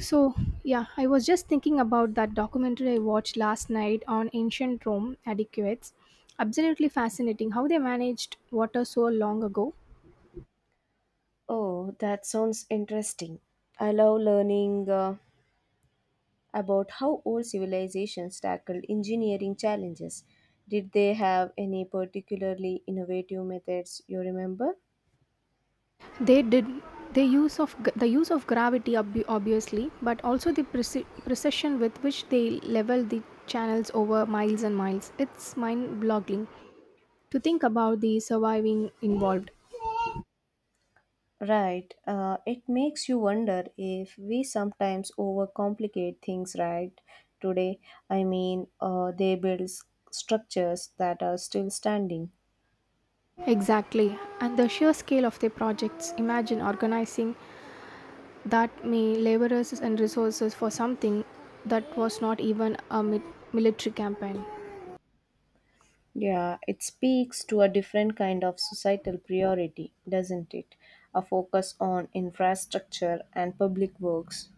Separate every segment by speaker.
Speaker 1: So, yeah, I was just thinking about that documentary I watched last night on ancient Rome adequates. Absolutely fascinating how they managed water so long ago.
Speaker 2: Oh, that sounds interesting. I love learning about how old civilizations tackled engineering challenges. Did they have any particularly innovative methods you remember?
Speaker 1: They did the use of the use of gravity obviously, but also the precision with which they leveled the channels over miles and miles. It's mind-boggling to think about the surviving involved.
Speaker 2: Right. It makes you wonder if we sometimes overcomplicate things right today. I mean, they build structures that are still standing.
Speaker 1: Exactly. And the sheer scale of their projects. Imagine organizing that may laborers and resources for something that was not even a military campaign.
Speaker 2: Yeah, it speaks to a different kind of societal priority, doesn't it? A focus on infrastructure and public works.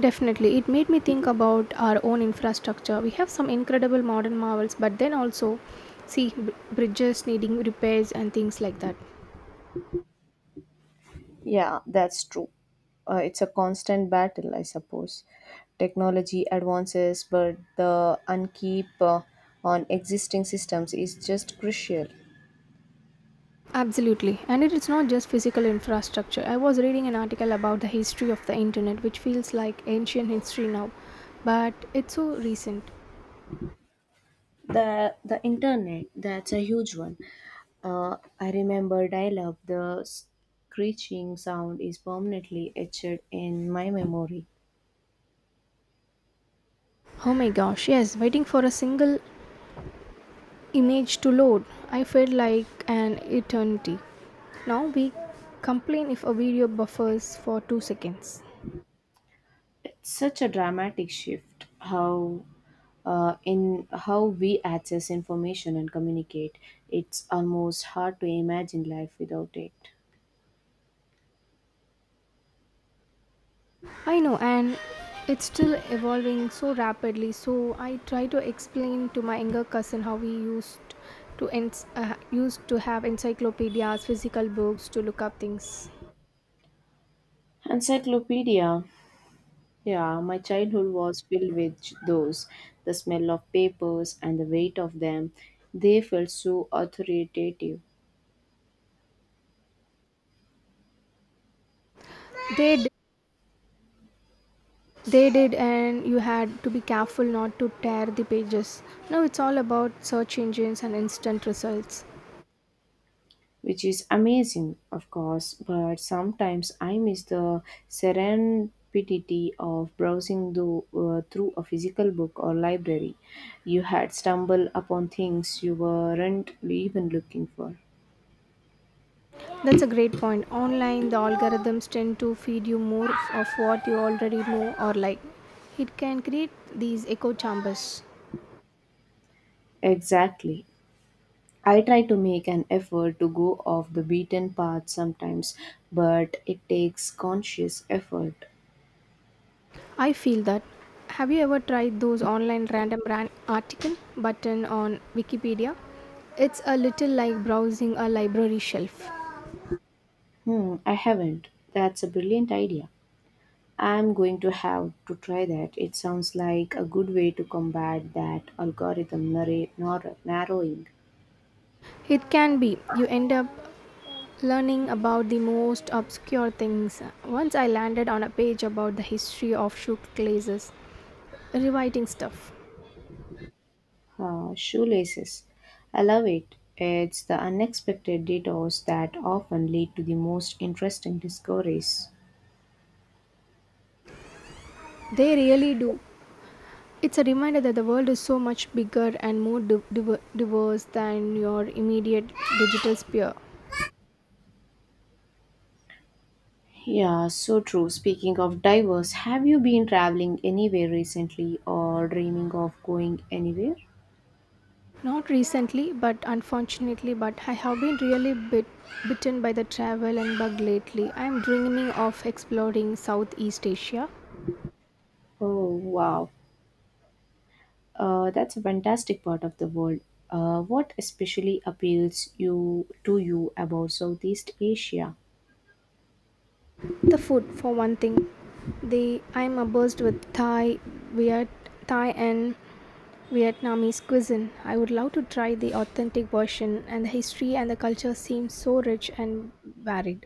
Speaker 1: Definitely, it made me think about our own infrastructure. We have some incredible modern marvels, but then also see bridges needing repairs and things like that.
Speaker 2: Yeah, that's true. It's a constant battle, I suppose. Technology advances, but the unkeep on existing systems is just crucial.
Speaker 1: Absolutely, and it is not just physical infrastructure. I was reading an article about the history of the internet, which feels like ancient history now, but it's so recent.
Speaker 2: The internet, that's a huge one. I remember dial-up. The screeching sound is permanently etched in my memory.
Speaker 1: Oh my gosh, yes, waiting for a single image to load. I felt like an eternity. Now we complain if a video buffers for 2 seconds.
Speaker 2: It's such a dramatic shift how in how we access information and communicate. It's almost hard to imagine life without it.
Speaker 1: I know, and it's still evolving so rapidly, so I try to explain to my younger cousin how we used to have encyclopedias, physical books to look up things.
Speaker 2: Encyclopedia. Yeah, my childhood was filled with those. The smell of papers and the weight of them, they felt so authoritative.
Speaker 1: They d- they did, and you had to be careful not to tear the pages. Now it's all about search engines and instant results.
Speaker 2: Which is amazing, of course, but sometimes I miss the serendipity of browsing through a physical book or library. You had stumbled upon things you weren't even looking for.
Speaker 1: That's a great point. Online, the algorithms tend to feed you more of what you already know or like. It can create these echo chambers.
Speaker 2: Exactly. I try to make an effort to go off the beaten path sometimes, but it takes conscious effort.
Speaker 1: I feel that. Have you ever tried those online random article button on Wikipedia? It's a little like browsing a library shelf.
Speaker 2: Hmm, I haven't. That's a brilliant idea. I'm going to have to try that. It sounds like a good way to combat that algorithm narrowing
Speaker 1: It can be. You end up learning about the most obscure things. Once I landed on a page about the history of shoe glazes, rewriting stuff.
Speaker 2: shoelaces. I love it. It's the unexpected detours that often lead to the most interesting discoveries.
Speaker 1: They really do. It's a reminder that the world is so much bigger and more diverse than your immediate digital sphere.
Speaker 2: Yeah, so true. Speaking of divers, have you been traveling anywhere recently or dreaming of going anywhere?
Speaker 1: Not recently, but unfortunately, but I have been really bitten by the travel and bug lately. I am dreaming of exploring Southeast Asia.
Speaker 2: Oh, wow. That's a fantastic part of the world. What especially appeals you to you about Southeast Asia?
Speaker 1: The food, for one thing, they I am abuzed with Viet, Thai and Vietnamese cuisine. I would love to try the authentic version, and the history and the culture seem so rich and varied.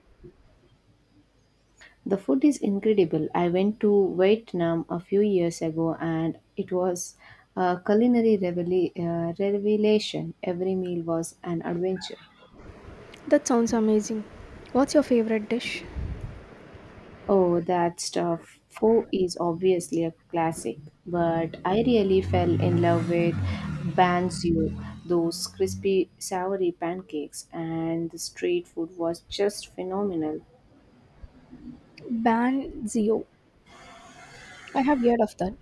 Speaker 2: The food is incredible. I went to Vietnam a few years ago, and it was a culinary revelation. Every meal was an adventure.
Speaker 1: That sounds amazing. What's your favorite dish?
Speaker 2: Oh, that stuff. Foe is obviously a classic, but I really fell in love with Banzio, those crispy savory pancakes, and the street food was just phenomenal.
Speaker 1: Banzio. I have heard of that.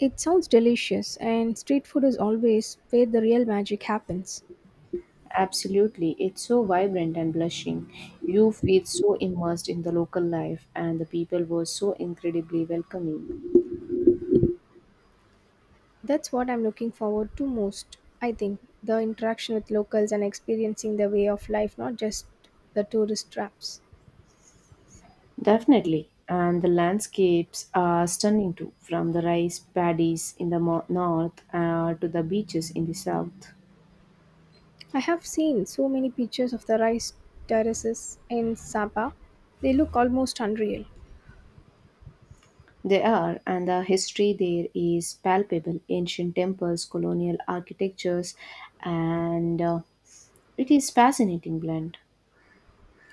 Speaker 1: It sounds delicious, and street food is always where the real magic happens.
Speaker 2: Absolutely, it's so vibrant and blushing. You feel so immersed in the local life, and the people were so incredibly welcoming.
Speaker 1: That's what I'm looking forward to most, I think. The interaction with locals and experiencing their way of life, not just the tourist traps.
Speaker 2: Definitely. And the landscapes are stunning too, from the rice paddies in the north to the beaches in the south.
Speaker 1: I have seen so many pictures of the rice terraces in Sapa. They look almost unreal.
Speaker 2: They are, and the history there is palpable ancient temples, colonial architectures, and it is fascinating blend.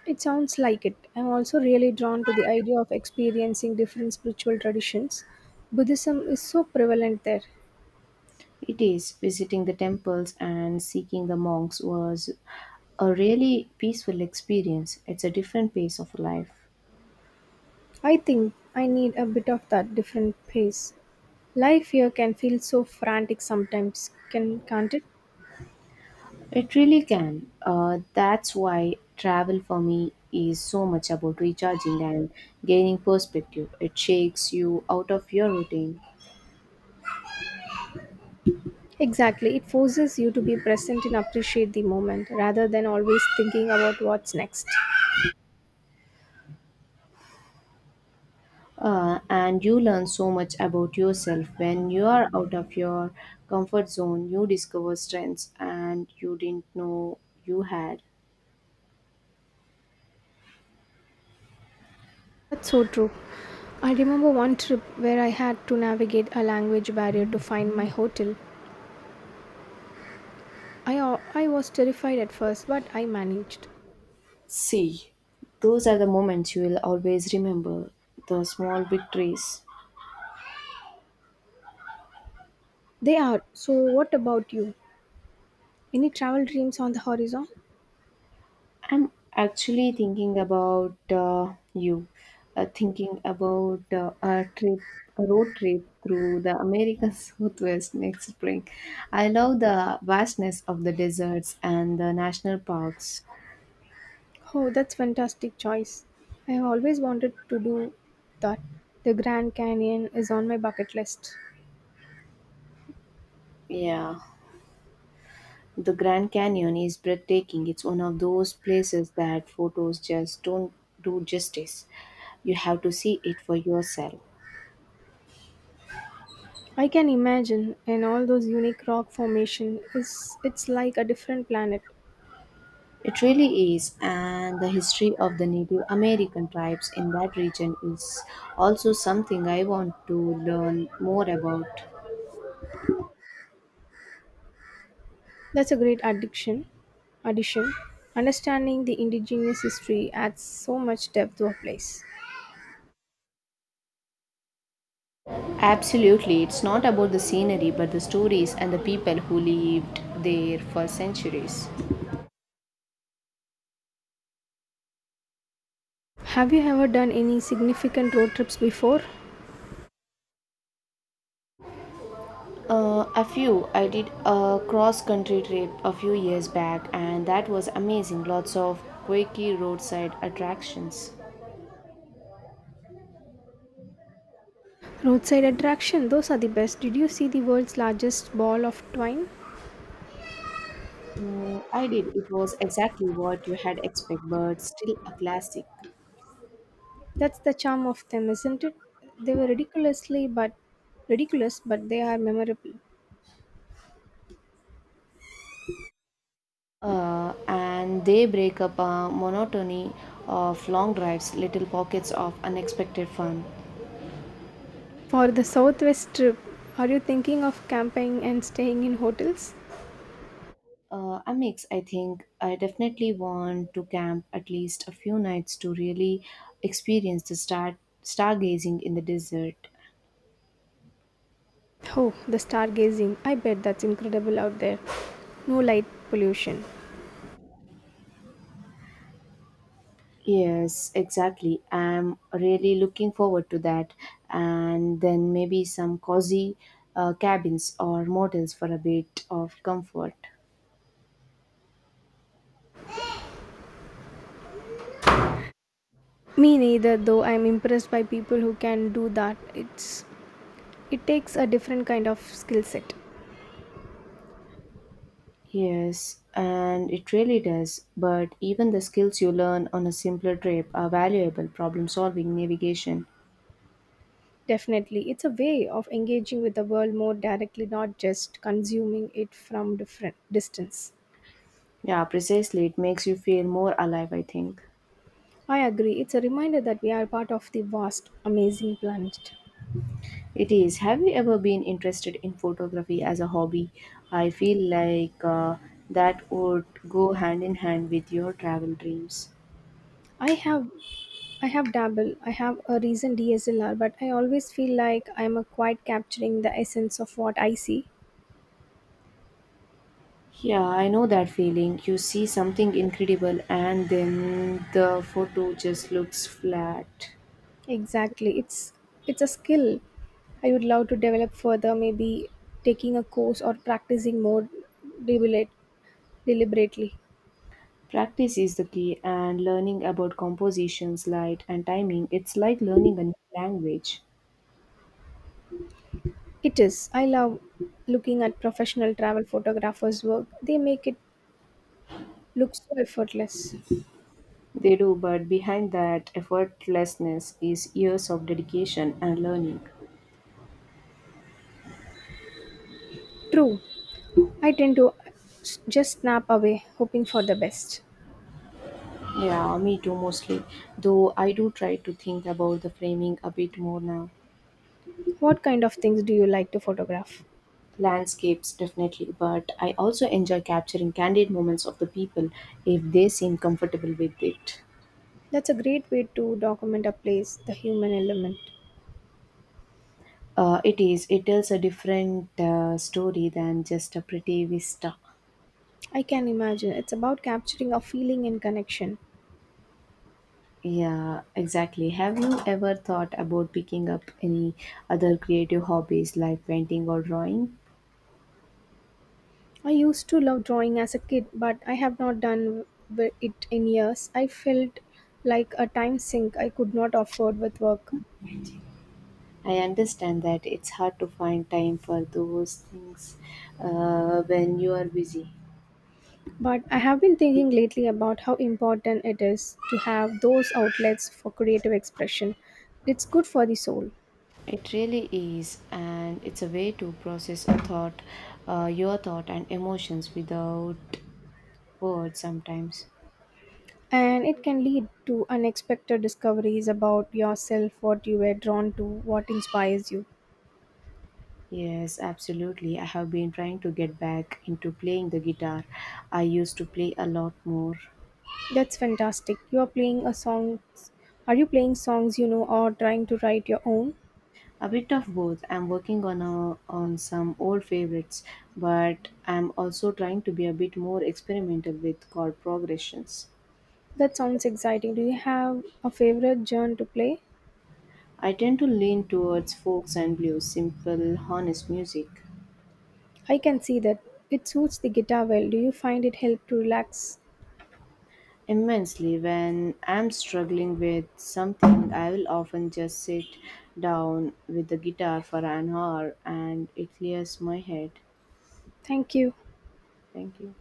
Speaker 1: It sounds like it. I'm also really drawn to the idea of experiencing different spiritual traditions. Buddhism is so prevalent there.
Speaker 2: It is visiting the temples and seeking the monks was a really peaceful experience. It's a different pace of life.
Speaker 1: I think I need a bit of that different pace. Life here can feel so frantic sometimes, can't it?
Speaker 2: It really can. That's why travel for me is so much about recharging and gaining perspective. It shakes you out of your routine.
Speaker 1: Exactly. It forces you to be present and appreciate the moment rather than always thinking about what's next.
Speaker 2: And you learn so much about yourself when you are out of your comfort zone. You discover strengths and you didn't know you had.
Speaker 1: That's so true. I remember one trip where I had to navigate a language barrier to find my hotel. I was terrified at first, but I managed.
Speaker 2: See, those are the moments you will always remember the small victories.
Speaker 1: They are. So, what about you? Any travel dreams on the horizon?
Speaker 2: I'm actually thinking about thinking about a road trip through the American Southwest next spring. I love the vastness of the deserts and the national parks.
Speaker 1: Oh, that's fantastic choice. I have always wanted to do that. The Grand Canyon is on my bucket list.
Speaker 2: Yeah, the Grand Canyon is breathtaking. It's one of those places that photos just don't do justice. You have to see it for yourself.
Speaker 1: I can imagine, and all those unique rock formation is it's like a different planet.
Speaker 2: It really is, and the history of the Native American tribes in that region is also something I want to learn more about.
Speaker 1: That's a great addiction. Addition. Understanding the indigenous history adds so much depth to a place.
Speaker 2: Absolutely, it's not about the scenery but the stories and the people who lived there for centuries.
Speaker 1: Have you ever done any significant road trips before?
Speaker 2: A few. I did a cross country trip a few years back, and that was amazing. Lots of quirky roadside attractions.
Speaker 1: Roadside attraction, those are the best. Did you see the world's largest ball of twine?
Speaker 2: I did. It was exactly what you had expected, but still a classic.
Speaker 1: That's the charm of them, isn't it? They were ridiculous, but they are memorable.
Speaker 2: And they break up a monotony of long drives, little pockets of unexpected fun.
Speaker 1: For the southwest trip, are you thinking of camping and staying in hotels?
Speaker 2: A mix, I think. I definitely want to camp at least a few nights to really experience the stargazing in the desert.
Speaker 1: Oh, the stargazing. I bet that's incredible out there. No light pollution.
Speaker 2: Yes, exactly. I'm really looking forward to that. And then maybe some cozy cabins or motels for a bit of comfort.
Speaker 1: Me neither, though I'm impressed by people who can do that. It takes a different kind of skill set.
Speaker 2: Yes, and it really does. But even the skills you learn on a simpler trip are valuable problem solving, navigation.
Speaker 1: Definitely. It's a way of engaging with the world more directly, not just consuming it from different distance.
Speaker 2: Yeah, precisely. It makes you feel more alive, I think.
Speaker 1: I agree. It's a reminder that we are part of the vast, amazing planet.
Speaker 2: It is. Have you ever been interested in photography as a hobby? I feel like that would go hand in hand with your travel dreams.
Speaker 1: I have I have dabble. I have a recent DSLR, but I always feel like I'm a quite capturing the essence of what I see.
Speaker 2: Yeah, I know that feeling. You see something incredible and then the photo just looks flat.
Speaker 1: Exactly. It's a skill I would love to develop further, maybe taking a course or practicing more deliberate, deliberately.
Speaker 2: Practice is the key, and learning about compositions, light, and timing, it's like learning a new language.
Speaker 1: It is. I love looking at professional travel photographers' work. They make it look so effortless.
Speaker 2: They do, but behind that effortlessness is years of dedication and learning.
Speaker 1: True. I tend to just snap away, hoping for the best.
Speaker 2: Yeah, me too mostly. Though I do try to think about the framing a bit more now.
Speaker 1: What kind of things do you like to photograph?
Speaker 2: Landscapes, definitely, but I also enjoy capturing candid moments of the people if they seem comfortable with it.
Speaker 1: That's a great way to document a place, the human element.
Speaker 2: It is, it tells a different story than just a pretty vista.
Speaker 1: I can imagine. It's about capturing a feeling and connection.
Speaker 2: Yeah, exactly. Have you ever thought about picking up any other creative hobbies like painting or drawing?
Speaker 1: I used to love drawing as a kid, but I have not done it in years. I felt like a time sink I could not afford with work.
Speaker 2: I understand that it's hard to find time for those things when you are busy.
Speaker 1: But I have been thinking lately about how important it is to have those outlets for creative expression. It's good for the soul,
Speaker 2: It really is, and it's a way to process a your thought and emotions without words sometimes.
Speaker 1: and it can lead to unexpected discoveries about yourself, what you were drawn to, what inspires you.
Speaker 2: Yes, absolutely. I have been trying to get back into playing the guitar. I used to play a lot more.
Speaker 1: That's fantastic. You are playing a song. Are you playing songs you know or trying to write your own?
Speaker 2: A bit of both. I'm working on some old favorites, but I'm also trying to be a bit more experimental with chord progressions.
Speaker 1: That sounds exciting. Do you have a favorite genre to play?
Speaker 2: I tend to lean towards folks and blues, simple, honest music.
Speaker 1: I can see that. It suits the guitar well. Do you find it help to relax?
Speaker 2: Immensely, when I'm struggling with something, I will often just sit down with the guitar for an hour and it clears my head.
Speaker 1: Thank you.
Speaker 2: Thank you.